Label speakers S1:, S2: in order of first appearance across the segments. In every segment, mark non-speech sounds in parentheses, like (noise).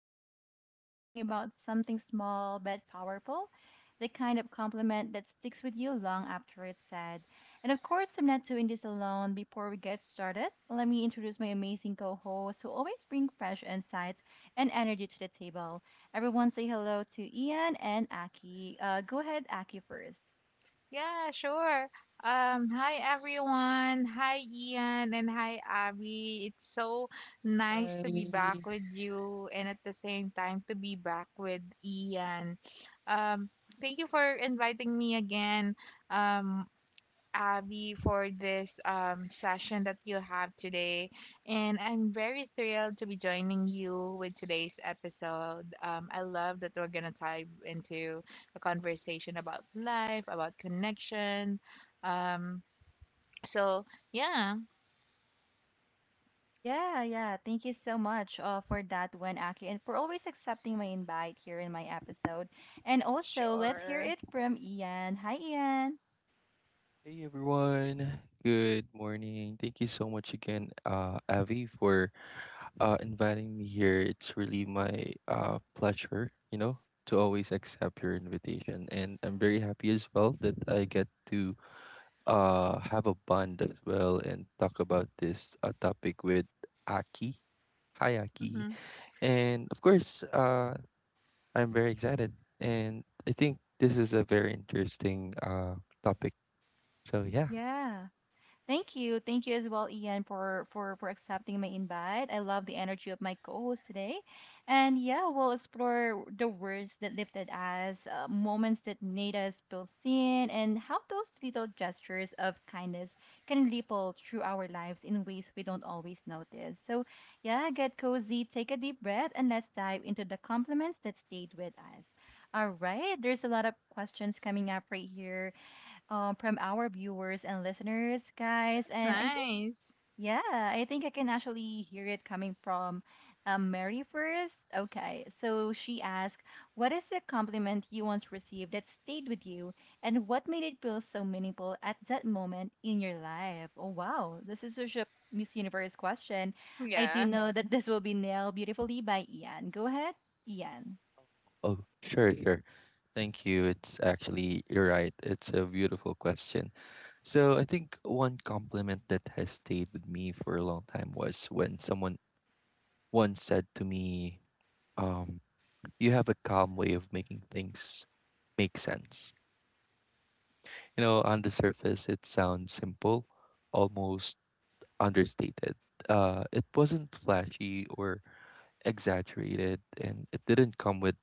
S1: Vibes. Today we're talking about something small but powerful, the kind of compliment that sticks with you long after it's said. And of course, I'm not doing this alone. Before we get started, let me introduce my amazing co hosts who always bring fresh insights and energy to the table. Everyone say hello to Ian and Aki. Go ahead, Aki first.
S2: Yeah, sure. Hi everyone. Hi Ian and hi Abby. It's so nice to be back
S3: Hi.
S2: with you and at the same time to be back with Ian. Thank you for inviting me again. Um, Abby, for this session that you have today. And I'm very thrilled to be joining you with today's episode. I love that we're going to dive into a conversation about life, about connection. Um, so, yeah,
S1: Yeah, yeah. Thank you so much for that one, Aki, and for always accepting my invite here in my episode. And also, let's hear
S2: sure.
S1: it from Ian. Hi, Ian.
S3: Hey everyone. Good morning. Thank you so much again, Avi, for inviting me here. It's really my pleasure, you know, to always accept your invitation. And I'm very happy as well that I get to have a bond as well and talk about this topic with Aki. Hi Aki.
S2: Hmm.
S3: And of course, I'm very excited and I think this is a very interesting topic. So yeah.
S1: Yeah. Thank you. Thank you as well, Ian, for accepting my invite. I love the energy of my co-host today. And yeah, we'll explore the words that lifted us, moments that made us feel seen, and how those little gestures of kindness can ripple through our lives in ways we don't always notice. So yeah, get cozy, take a deep breath, and let's dive into the compliments that stayed with us. All right, there's a lot of questions coming up right here from our viewers and listeners, guys.
S2: That's
S1: And
S2: nice.
S1: yeah, I think I can actually hear it coming from Mary first. Okay, so she asked, what is a compliment you once received that stayed with you, and what made it feel so meaningful at that moment in your life? Oh, wow, this is such a Miss Universe question. I do
S2: Yeah.
S1: know that this will be nailed beautifully by Ian. Go ahead, Ian.
S3: Oh, sure, sure. Thank you. It's actually, you're right. It's a beautiful question. So I think one compliment that has stayed with me for a long time was when someone once said to me, um, you have a calm way of making things make sense. You know, on the surface, it sounds simple, almost understated. It wasn't flashy or exaggerated, and it didn't come with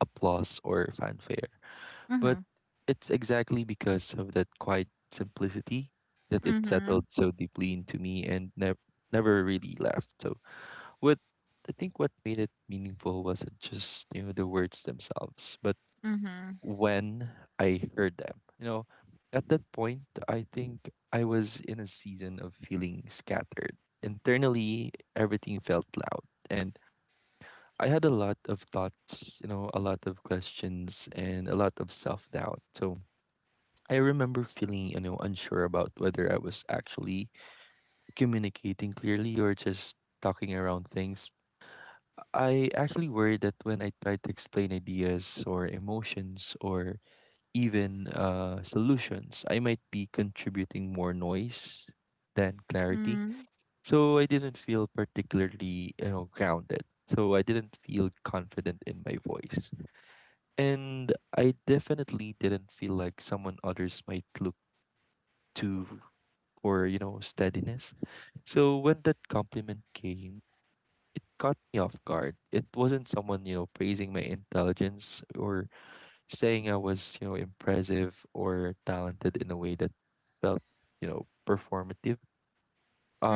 S3: applause or fanfare. But
S1: Mm-hmm.
S3: it's exactly because of that quiet simplicity that it
S2: Mm-hmm.
S3: settled so deeply into me and never really left. So what I think what made it meaningful wasn't just, you know, the words themselves, but
S2: Mm-hmm.
S3: when I heard them. You know, at that point I think I was in a season of feeling scattered. Internally everything felt loud and I had a lot of thoughts, you know, a lot of questions and a lot of self doubt. So I remember feeling, you know, unsure about whether I was actually communicating clearly or just talking around things. I actually worried that when I tried to explain ideas or emotions or even solutions, I might be contributing more noise than clarity. So I didn't feel particularly, you know, grounded. So I didn't feel confident in my voice. And I definitely didn't feel like someone others might look to or you know steadiness. So when that compliment came, it caught me off guard. It wasn't someone you know praising my intelligence or saying I was you know impressive or talented in a way that felt you know performative.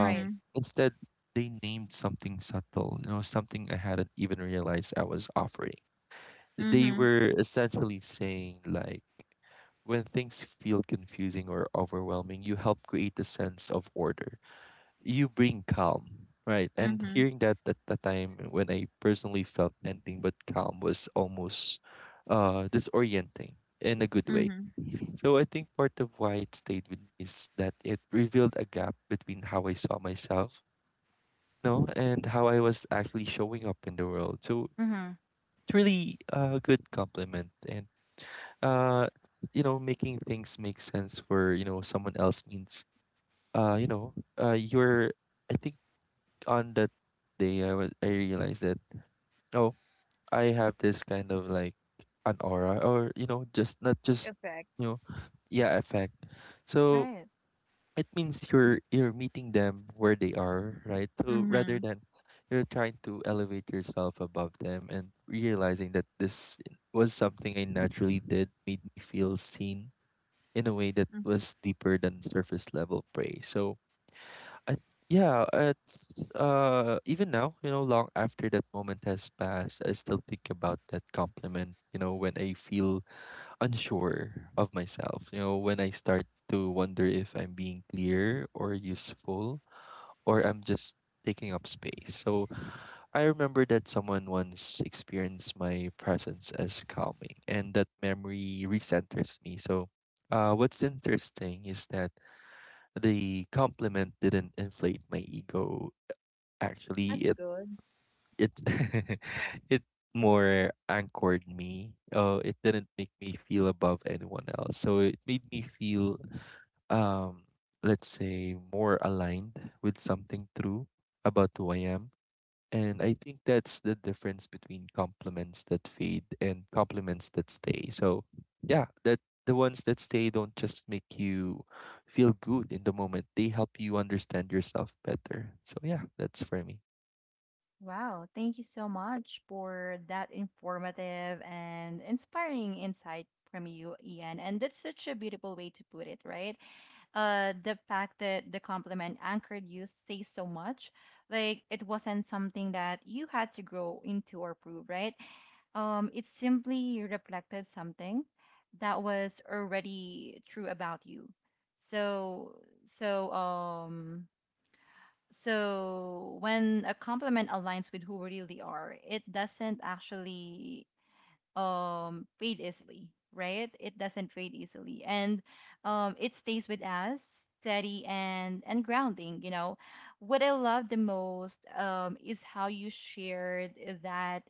S1: Right.
S3: Instead, they named something subtle, you know, something I hadn't even realized I was offering. They
S2: Mm-hmm.
S3: were essentially saying like when things feel confusing or overwhelming, you help create a sense of order you bring calm, right? And
S2: Mm-hmm.
S3: hearing that at the time when I personally felt anything but calm was almost disorienting in a good way.
S2: Mm-hmm.
S3: So I think part of why it stayed with me is that it revealed a gap between how I saw myself, you know, and how I was actually showing up in the world. So
S1: Mm-hmm.
S3: it's really a good compliment and uh you know making things make sense for you know someone else means you know you're I think on that day I realized that oh I have this kind of like an aura or you know just not just
S2: Effect.
S3: you know yeah effect. So
S1: Right.
S3: it means you're meeting them where they are, right? So
S2: Mm-hmm.
S3: rather than you're trying to elevate yourself above them and realizing that this was something I naturally did made me feel seen in a way that
S2: Mm-hmm.
S3: was deeper than surface level praise. So I yeah, it's even now, you know, long after that moment has passed, I still think about that compliment, you know, when I feel unsure of myself, you know, when I start to wonder if I'm being clear or useful or I'm just taking up space. So I remember that someone once experienced my presence as calming and that memory recenters me. So what's interesting is that the compliment didn't inflate my ego. Actually,
S2: That's
S3: it
S2: good.
S3: it (laughs) it more anchored me. It didn't make me feel above anyone else. So it made me feel, um, let's say, more aligned with something true about who I am and I think that's the difference between compliments that fade and compliments that stay. So, yeah, that the ones that stay don't just make you feel good in the moment, they help you understand yourself better. So, yeah, that's for me.
S1: Wow, thank you so much for that informative and inspiring insight from you, Ian. And that's such a beautiful way to put it, right? The fact that the compliment anchored you says so much. Like it wasn't something that you had to grow into or prove, right? It simply reflected something that was already true about you. So, so um, so when a compliment aligns with who we really are, it doesn't actually fade easily, right? It doesn't fade easily, and it stays with us steady and grounding. You know, what I love the most is how you shared that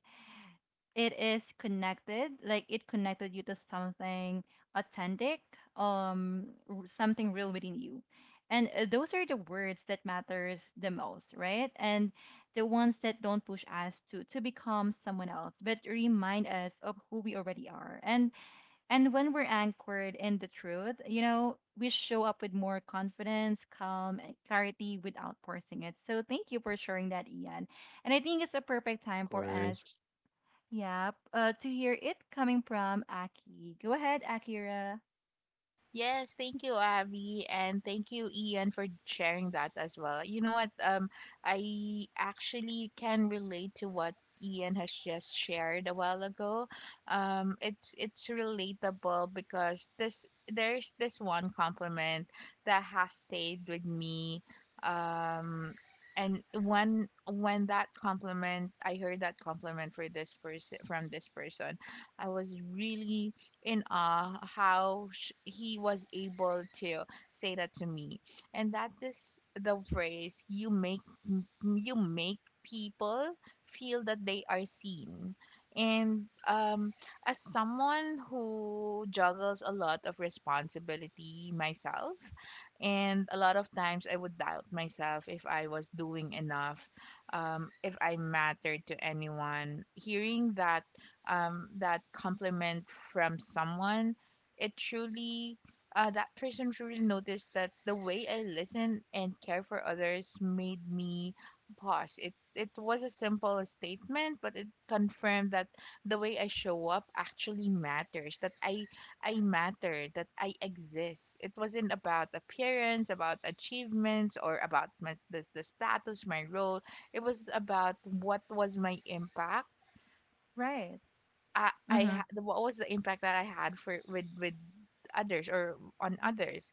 S1: it is connected, like it connected you to something authentic, something real within you, and those are the words that matters the most, right? And the ones that don't push us to become someone else but remind us of who we already are. And when we're anchored in the truth, you know, we show up with more confidence, calm, and clarity without forcing it. So thank you for sharing that, Ian, and I think it's a perfect
S3: Of
S1: time for us.
S3: course.
S1: Yep. To hear it coming from Aki. Go ahead, Akira.
S2: Yes, thank you, Abby, and thank you, Ian, for sharing that as well. You know what? I actually can relate to what Ian has just shared a while ago. It's relatable because this there's this one compliment that has stayed with me. Um, and when that compliment, I heard that compliment for this person from this person, I was really in awe how he was able to say that to me, and that is the phrase: you make m- you make people feel that they are seen. And as someone who juggles a lot of responsibility myself and a lot of times I would doubt myself if I was doing enough, if I mattered to anyone, hearing that, that compliment from someone, it truly, that person truly noticed that the way I listen and care for others made me pause. It was a simple statement, but it confirmed that the way I show up actually matters. That I matter. That I exist. It wasn't about appearance, about achievements, or about the status, my role. It was about what was my impact.
S1: Right. Mhm.
S2: What was the impact that I had for with others or on others,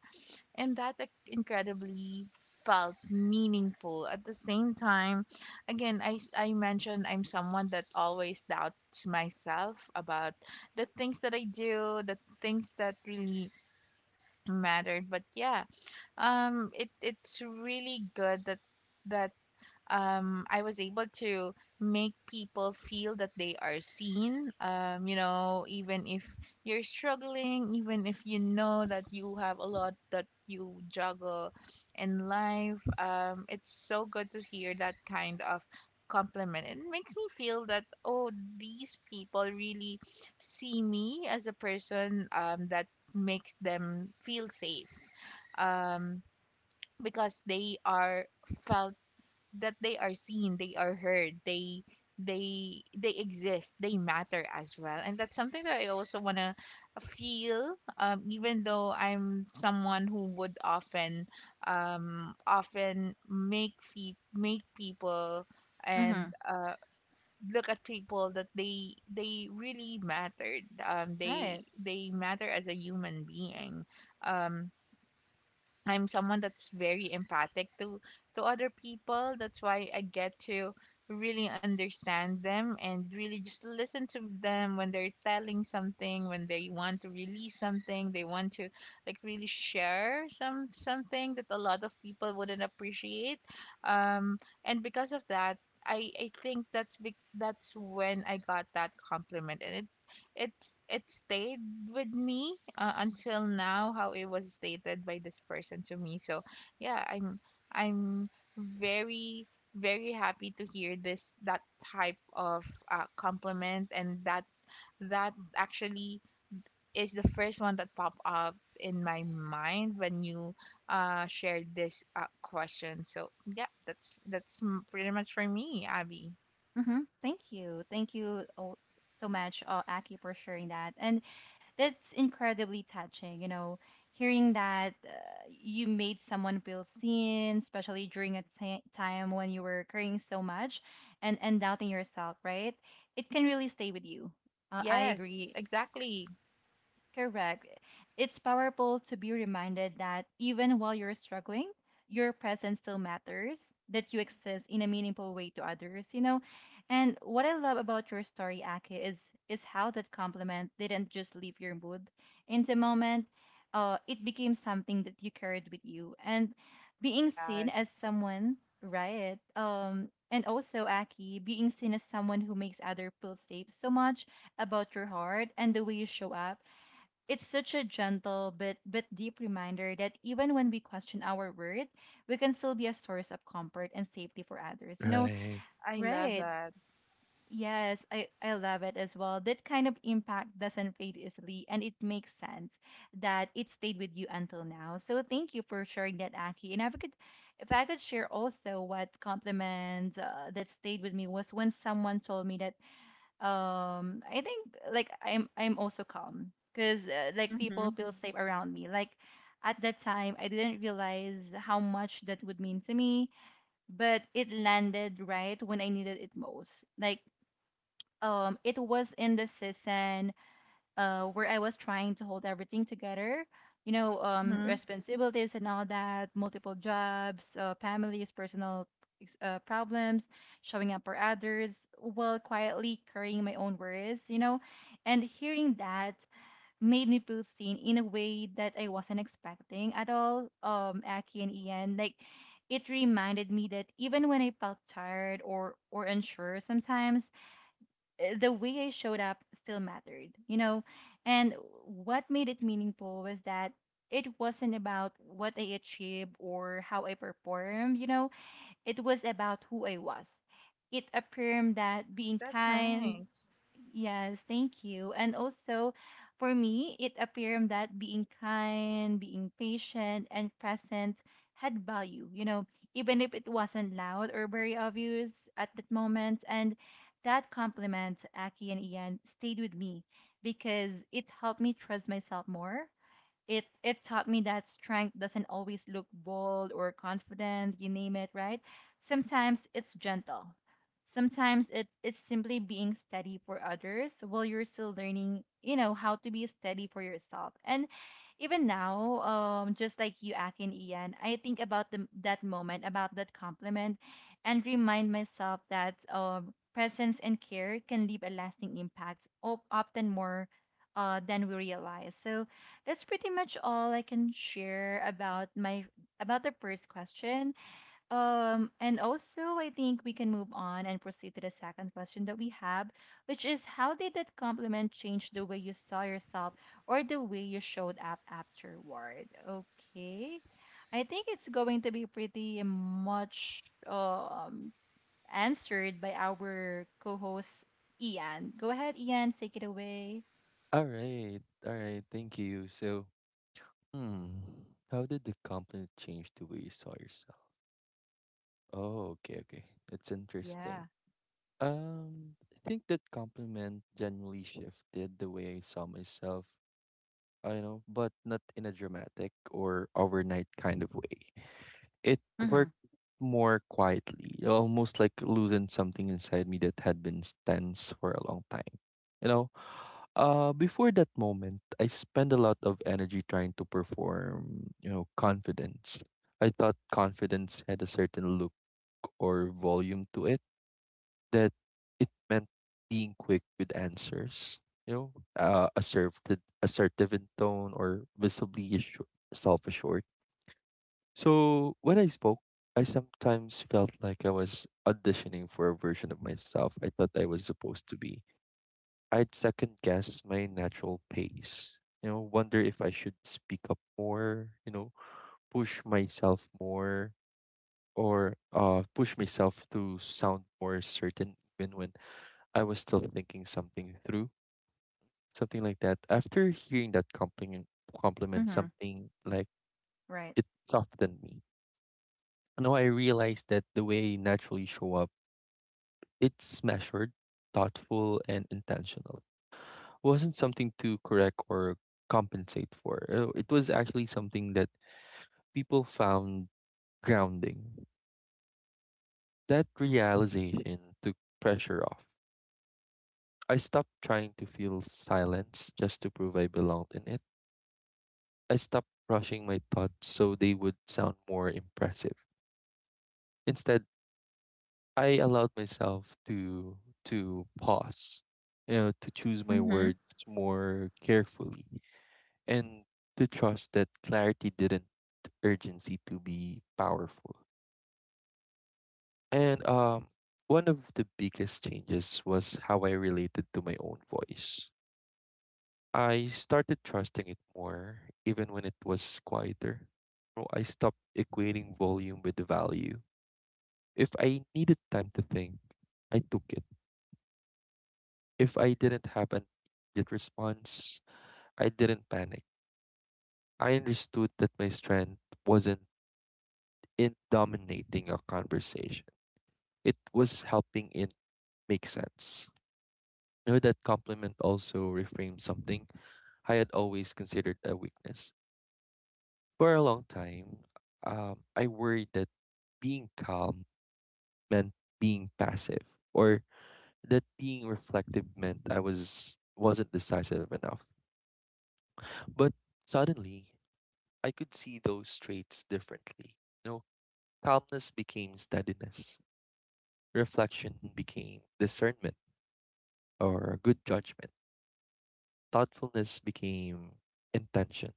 S2: and that, like, incredibly felt meaningful. At the same time, again, I mentioned I'm someone that always doubts myself about the things that I do, the things that really mattered. But yeah, it it's really good that that I was able to make people feel that they are seen. You know, even if you're struggling, even if you know that you have a lot that you juggle in life, it's so good to hear that kind of compliment. It makes me feel that, oh, these people really see me as a person, that makes them feel safe, um, because they are felt that they are seen, they are heard, they they exist, they matter as well. And that's something that I also want to feel, even though I'm someone who would often make make people and
S1: Mhm.
S2: look at people that they really mattered, they
S1: Right.
S2: they matter as a human being. um I'm someone that's very empathic to other people. That's why I get to really understand them and really just listen to them when they're telling something, when they want to release something, they want to, like, really share something that a lot of people wouldn't appreciate. Um, and because of that, I think that's when I got that compliment, and it, it stayed with me until now, how it was stated by this person to me. So yeah, i'm i'm very very happy to hear this, that type of compliment. And that, that actually is the first one that popped up in my mind when you shared this question. So yeah, that's pretty much for me, Abby.
S1: Mhm. Thank you. Thank you, oh, so much, Aki, for sharing that. And that's incredibly touching, you know, hearing that you made someone feel seen, especially during a time when you were carrying so much and doubting yourself, right? It can really stay with you. I
S2: Yes,
S1: agree.
S2: exactly.
S1: Correct. It's powerful to be reminded that even while you're struggling, your presence still matters, that you exist in a meaningful way to others, you know? And what I love about your story, Ake, is how that compliment didn't just leave your mood. In the moment, it became something that you carried with you. And being
S2: Yeah,
S1: seen as someone, right? And also, Aki, being seen as someone who makes other feel safe so much about your heart and the way you show up, it's such a gentle but deep reminder that even when we question our worth, we can still be a source of comfort and safety for others. You know,
S3: Right.
S2: I love
S1: right?
S2: that.
S1: Yes, I love it as well. That kind of impact doesn't fade easily, and it makes sense that it stayed with you until now. So thank you for sharing that, Aki. And if I could share also what compliment that stayed with me was when someone told me that I think like I'm also calm because like people
S2: Mm-hmm.
S1: feel safe around me. Like at that time I didn't realize how much that would mean to me, but it landed right when I needed it most. It was in the season where I was trying to hold everything together. You know,
S2: Mm-hmm.
S1: responsibilities and all that, multiple jobs, families, personal problems, showing up for others, while quietly carrying my own worries. You know, and hearing that made me feel seen in a way that I wasn't expecting at all. Aki and Ian, like it reminded me that even when I felt tired or unsure sometimes, the way I showed up still mattered, you know? And what made it meaningful was that it wasn't about what I achieved or how I performed, you know? It was about who I was. It affirmed that being
S2: That's
S1: kind,
S2: nice.
S1: yes, thank you. And also, for me, it affirmed that being kind, being patient, and present had value, you know, even if it wasn't loud or very obvious at that moment. And that compliment, Aki and Ian, stayed with me because it helped me trust myself more. It taught me that strength doesn't always look bold or confident, you name it, right? Sometimes it's gentle. Sometimes it's simply being steady for others while you're still learning, you know, how to be steady for yourself. And even now, just like you, Aki and Ian, I think about that moment, about that compliment, and remind myself that presence and care can leave a lasting impact, often more than we realize. So that's pretty much all I can share about my, about the first question. And also I think we can move on and proceed to the second question that we have, which is how did that compliment change the way you saw yourself or the way you showed up afterward? Okay. I think it's going to be pretty much answered by our co-host Ian. Go ahead, Ian, take it away.
S3: All right. All right. Thank you. So, hmm, how did the compliment change the way you saw yourself? Oh, okay. Okay. That's interesting.
S1: Yeah.
S3: I think that compliment genuinely shifted the way I saw myself. I know, but not in a dramatic or overnight kind of way. It
S1: Mm-hmm.
S3: worked more quietly, almost like losing something inside me that had been tense for a long time. You know, before that moment, I spent a lot of energy trying to perform, you know, confidence. I thought confidence had a certain look or volume to it that it meant being quick with answers, you know, uh, assertive, assertive in tone or visibly self-assured. So when I spoke, I sometimes felt like I was auditioning for a version of myself I thought I was supposed to be. I'd second guess my natural pace, you know, wonder if I should speak up more, you know, push myself more or push myself to sound more certain even when I was still thinking something through, something like that. After hearing that compliment, compliment
S1: Mm-hmm.
S3: something like
S1: Right.
S3: it softened me. Now I realized that the way I naturally show up, it's measured, thoughtful, and intentional. Wasn't something to correct or compensate for. It was actually something that people found grounding. That realization took pressure off. I stopped trying to feel silence just to prove I belonged in it I stopped rushing my thoughts so they would sound more impressive. Instead, I allowed myself to pause, you know, to choose my
S2: Mm-hmm.
S3: words more carefully and to trust that clarity didn't urgency to be powerful. And one of the biggest changes was how I related to my own voice. I started trusting it more even when it was quieter. So I stopped equating volume with value If I needed time to think, I took it. If I didn't have an immediate response, I didn't panic. I understood that my strength wasn't in dominating a conversation. It was helping it make sense. Know, that compliment also reframed something I had always considered a weakness. For a long time, I worried that being calm meant being passive or that being reflective meant I was wasn't decisive enough. But suddenly, I could see those traits differently. You know, calmness became steadiness, reflection became discernment or good judgment, thoughtfulness became intention.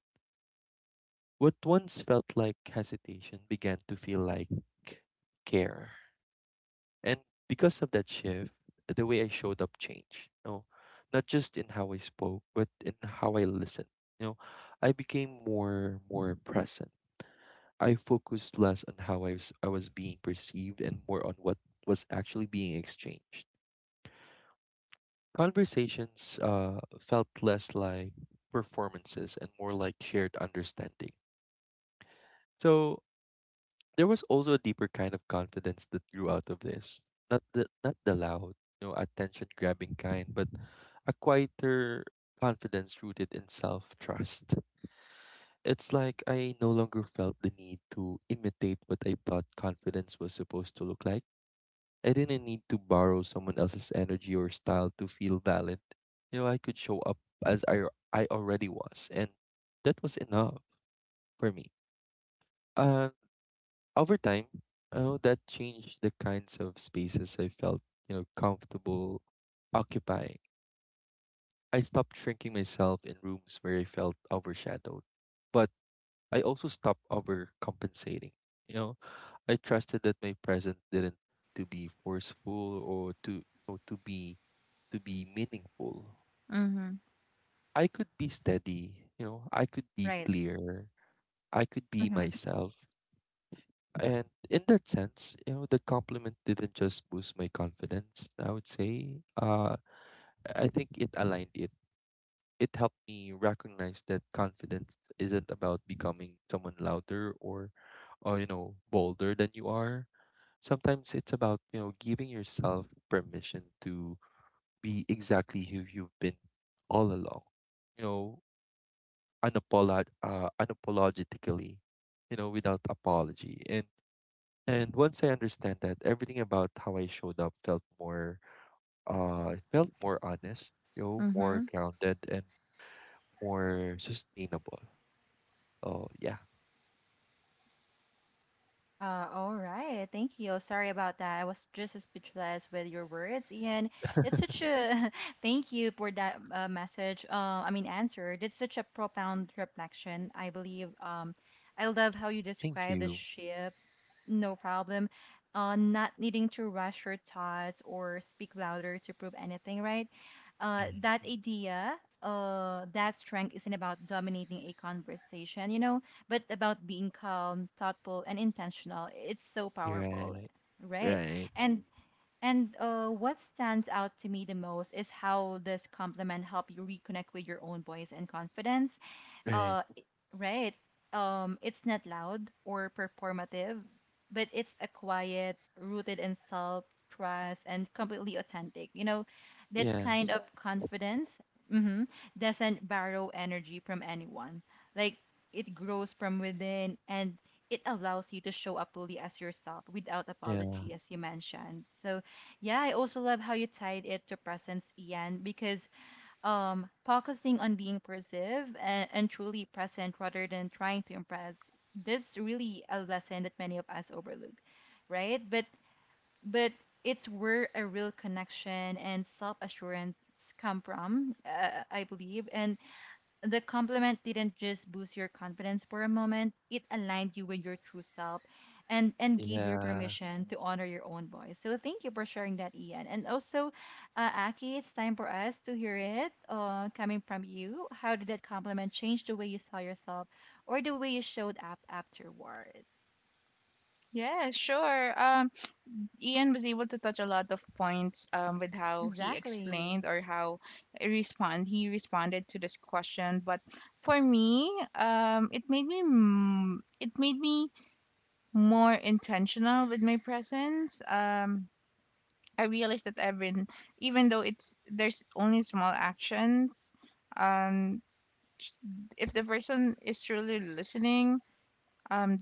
S3: What once felt like hesitation began to feel like care. And because of that shift, the way I showed up changed. You know, not just in how I spoke, but in how I listened. You know, I became more present I focused less on how I was being perceived and more on what was actually being exchanged. Conversations felt less like performances and more like shared understanding. So there was also a deeper kind of confidence that grew out of this. Not the loud, you know, attention grabbing kind, but a quieter confidence rooted in self trust. It's like I no longer felt the need to imitate what I thought confidence was supposed to look like I didn't need to borrow someone else's energy or style to feel valid. You know, I could show up as I already was, and that was enough for me. And over time, you know, that changed the kinds of spaces I felt, you know, comfortable occupying. I stopped shrinking myself in rooms where I felt overshadowed. But I also stopped overcompensating. You know, I trusted that my present didn't to be forceful or to you know, to be meaningful.
S2: Mm-hmm.
S3: I could be steady, you know, I could be
S1: Right.
S3: clear, I could be
S1: Mm-hmm.
S3: myself. And in that sense, you know, the compliment didn't just boost my confidence, I would say. I think it aligned it it helped me recognize that confidence isn't about becoming someone louder or you know, bolder than you are. Sometimes it's about, you know, giving yourself permission to be exactly who you've been all along. You know, unapologetically, you know, without apology. And once I understand that, everything about how I showed up felt more it felt more honest, you know,
S2: Mm-hmm.
S3: more grounded and more sustainable. Oh, yeah.
S1: All right. Thank you. Sorry about that. I was just speechless with your words, and that's such a (laughs) thank you for that message. I mean answer. That's such a profound reflection, I believe. I love how you
S3: Thank
S1: describe the
S3: you.
S1: shift. No problem. Not needing to rush your thoughts or speak louder to prove anything, right?
S3: Mhm.
S1: That idea. That strength isn't about dominating a conversation. You know, but about being calm, thoughtful, and intentional. It's so powerful,
S3: Right.
S1: right?
S3: Right.
S1: And and What stands out to me the most is how this compliment help you reconnect with your own voice and confidence.
S3: Right.
S1: uh i- right. It's not loud or performative, but it's a quiet rooted in self trust and completely authentic, you know. That kind
S3: Yes.
S1: of confidence, mhm, doesn't borrow energy from anyone. Like, it grows from within, and it allows you to show up fully as yourself without
S3: Yeah.
S1: apology, as you mentioned. So yeah, I also love how you tied it to presence, Ian, because focusing on being perceived and truly present rather than trying to impress. That's really a lesson that many of us overlook, right? But it's where a real connection and self assurance come from, I believe. And the compliment didn't just boost your confidence for a moment. It aligned you with your true self and gave you
S3: Yeah.
S1: permission to honor your own voice. So thank you for sharing that, Ian. And also, Aki, it's time for us to hear it, coming from you. How did that compliment change the way you saw yourself or the way you showed up afterward?
S2: Yeah, sure. Ian was able to touch a lot of points with how he
S1: Exactly.
S2: explained or how he responded to this question. But for me, it made me, it made me more intentional with my presence. I realized that even though it's there's only small actions, um, if the person is truly listening, um,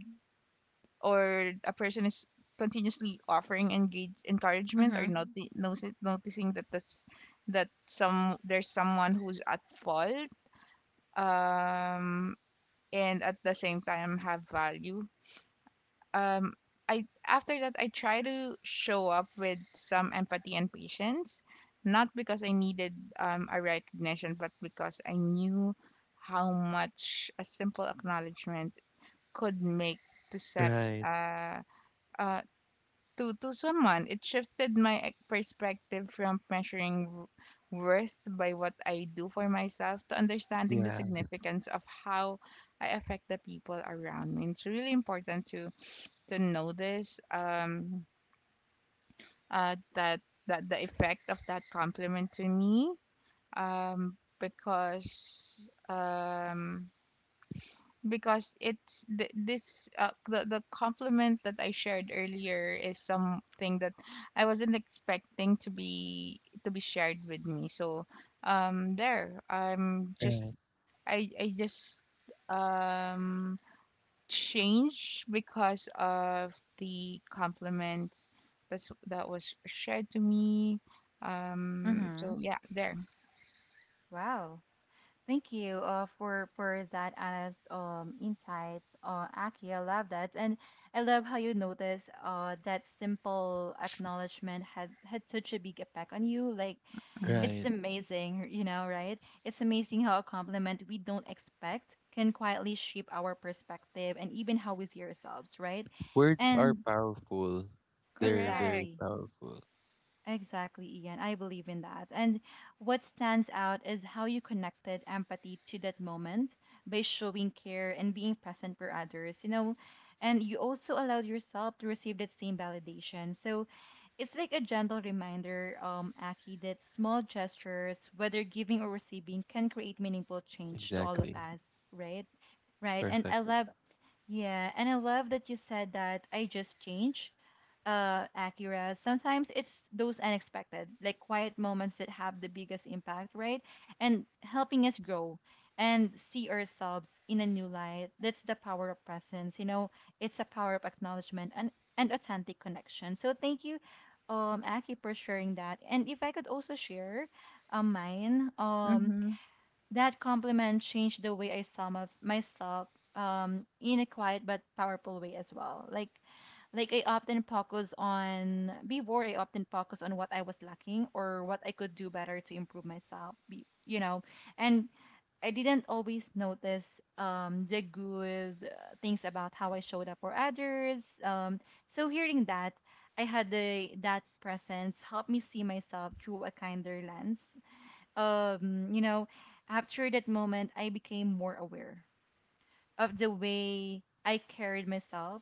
S2: or a person is continuously offering engage encouragement, or
S1: Mm-hmm.
S2: noticing that this that some there's someone who's at fault, um and at the same time have value, um I, after that, I try to show up with some empathy and patience, not because I needed a recognition, but because I knew how much a simple acknowledgement could make to set,
S3: Right.
S2: uh, uh, to someone. It shifted my perspective from measuring worth by what I do for myself to understanding the
S3: Yeah.
S2: significance of how I affect the people around me. It's really important to notice that the effect of that compliment to me, um because um because this, the compliment that I shared earlier is something that I wasn't expecting to be, shared with me. So there, I'm just,
S3: Right.
S2: I just, um change because of the compliments that was shared to me.
S1: Mm-hmm.
S2: So yeah, there.
S1: Wow. Thank you for that honest insight, Aki. I love that, and I love how you notice that simple acknowledgement had such a big effect on you. Like,
S2: Mhm.
S1: it's
S3: Right.
S1: amazing, you know, right? It's amazing how a compliment we don't expect can quietly shape our perspective and even how we see ourselves, right?
S3: Words are
S1: And
S3: powerful. They're very
S2: Correct.
S1: exactly.
S3: powerful.
S1: Exactly, Ian. I believe in that. And what stands out is how you connected empathy to that moment by showing care and being present for others, you know, and you also allowed yourself to receive that same validation. So it's like a gentle reminder, Aki, that small gestures, whether giving or receiving, can create meaningful change to all of
S3: Exactly.
S1: us, right? Right. And I,
S3: Perfect.
S1: yeah, love, yeah, and I love that you said that I just change, uh, Acura. Sometimes it's those unexpected, like quiet moments that have the biggest impact, right? And helping us grow and see ourselves in a new light. That's the power of presence, you know, it's a power of acknowledgement and authentic connection. So thank you, Aki, for sharing that. And if I could also share mine.
S2: Mhm.
S1: That compliment changed the way I saw myself in a quiet but powerful way as well. Like I often focus on what I was lacking or what I could do better to improve myself. You know, and I didn't always notice the good things about how I showed up for others. So hearing that, I had the that presence help me see myself through a kinder lens. um, you know, After that moment, I became more aware of the way I carried myself.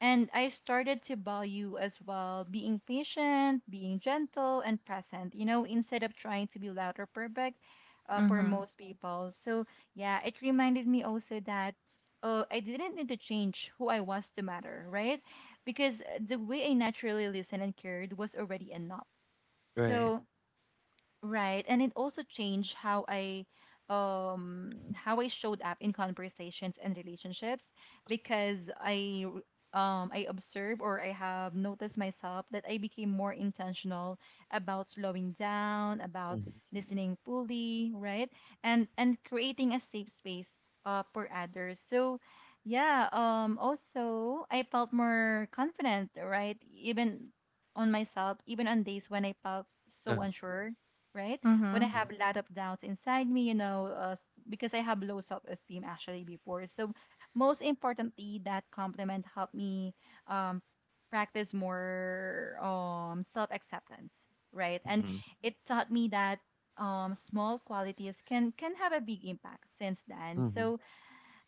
S1: And I started to value as well being patient, being gentle, and present, you know, instead of trying to be loud or perfect for
S2: Mhm.
S1: most people. So, yeah, it reminded me also that I didn't need to change who I was to matter, right? Because the way I naturally listened and cared was already enough.
S3: Right.
S1: So, right, and it also changed how I showed up in conversations and relationships because I observe, or I have noticed myself that I became more intentional about slowing down, about
S3: Mm-hmm.
S1: listening fully, right? And creating a safe space for others. So yeah, also I felt more confident, right? Even on myself, even on days when I felt
S3: Uh-huh.
S1: so unsure, right? When I
S2: Mhm.
S1: have a lot of doubts inside me, you know, because I have low self-esteem actually before. So most importantly, that compliment helped me um, practice more self-acceptance, right? And
S3: Mm-hmm.
S1: it taught me that small qualities can have a big impact since then.
S3: Mm-hmm.
S1: So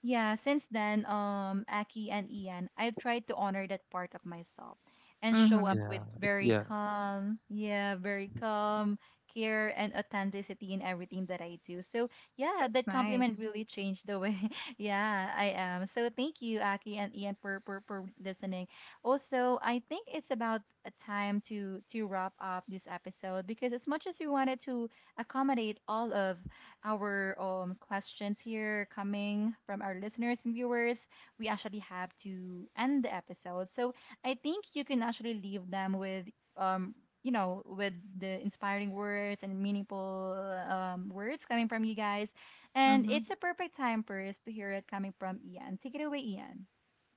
S1: yeah, since then, Aki and Ian, I've tried to honor that part of myself and show up
S2: Mhm.
S1: with
S3: Yeah.
S1: very
S3: Yeah.
S1: calm, yeah, very calm care and authenticity in everything that I do. So, yeah,
S2: That's
S1: that compliment
S2: nice.
S1: really changed the way, (laughs) yeah, I am. So, thank you, Aki and Ian, for listening. Also, I think it's about a time to wrap up this episode because as much as we wanted to accommodate all of our questions here coming from our listeners and viewers, we actually have to end the episode. So I think you can actually leave them with, um, you know, with the inspiring words and meaningful words coming from you guys. And
S2: Mhm.
S1: it's a perfect time for us to hear it coming from Ian. Take it away, Ian.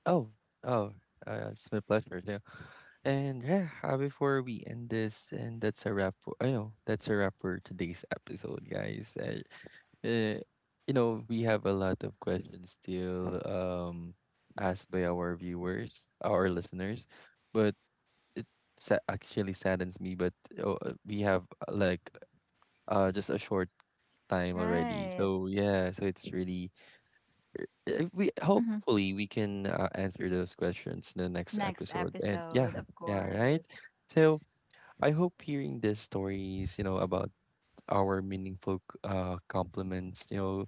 S3: Oh, oh, it's my pleasure too. And yeah, before we end this, and that's a wrap. For, I know that's a wrap for today's episode, guys. Uh, you know, we have a lot of questions still asked by our viewers, our listeners, but it actually saddens me. But oh, we have like just a short time already,
S1: Right.
S3: so yeah, so it's really we
S1: hmm
S3: hopefully we can answer those questions in the next
S1: Next
S3: episode. And yeah,
S1: episode, of
S3: yeah, right.
S1: course.
S3: So I hope hearing these stories, you know, about our meaningful compliments, you know,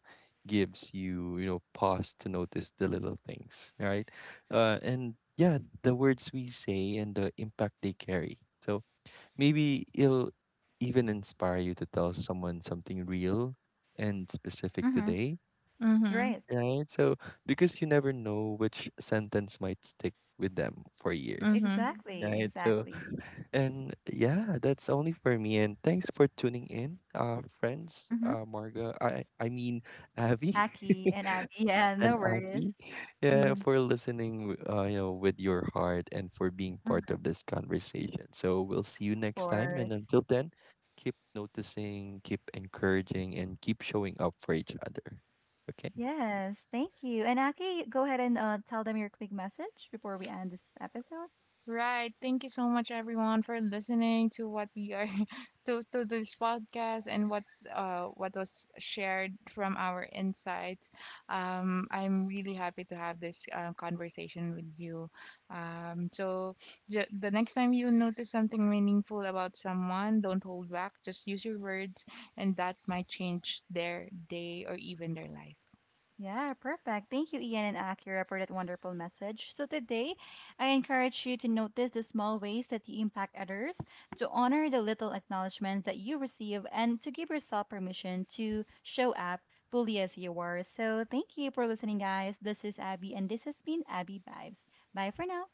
S3: gives you you know pause to notice the little things, right? And yeah, the words we say and the impact they carry. So maybe it'll even inspire you to tell someone something real and specific
S1: hmm
S3: today
S2: Mhm.
S1: Right.
S3: right? So because you never know which sentence might stick with them for years,
S2: Mhm.
S1: Exactly.
S3: right? So
S1: Exactly.
S3: and yeah, that's only for me. And thanks for tuning in, friends.
S1: Mhm.
S3: Marga, I mean Abby
S1: Aki and Abby. (laughs) Yeah,
S3: (laughs)
S1: no
S3: and
S1: worries.
S3: Aki. Yeah,
S2: Mhm.
S3: for listening. You know, with your heart and for being part
S1: Mhm.
S3: of this conversation. So we'll see you
S1: Of
S3: next time. And
S1: course.
S3: until then. Keep noticing, keep encouraging, and keep showing up for each other. Okay?
S1: Yes, thank you. And Aki, go ahead and tell them your quick message before we end this episode.
S2: Right. Thank you so much, everyone, for listening to what we are (laughs) to this podcast and what, what was shared from our insights. I'm really happy to have this conversation with you. Um, so the next time you notice something meaningful about someone, don't hold back. Just use your words, and that might change their day or even their life.
S1: Yeah, perfect. Thank you, Ian and Akira, for that wonderful message. So today, I encourage you to notice the small ways that you impact others, to honor the little acknowledgments that you receive, and to give yourself permission to show up fully as you are. So thank you for listening, guys. This is Abby, and this has been Abby Vibes. Bye for now.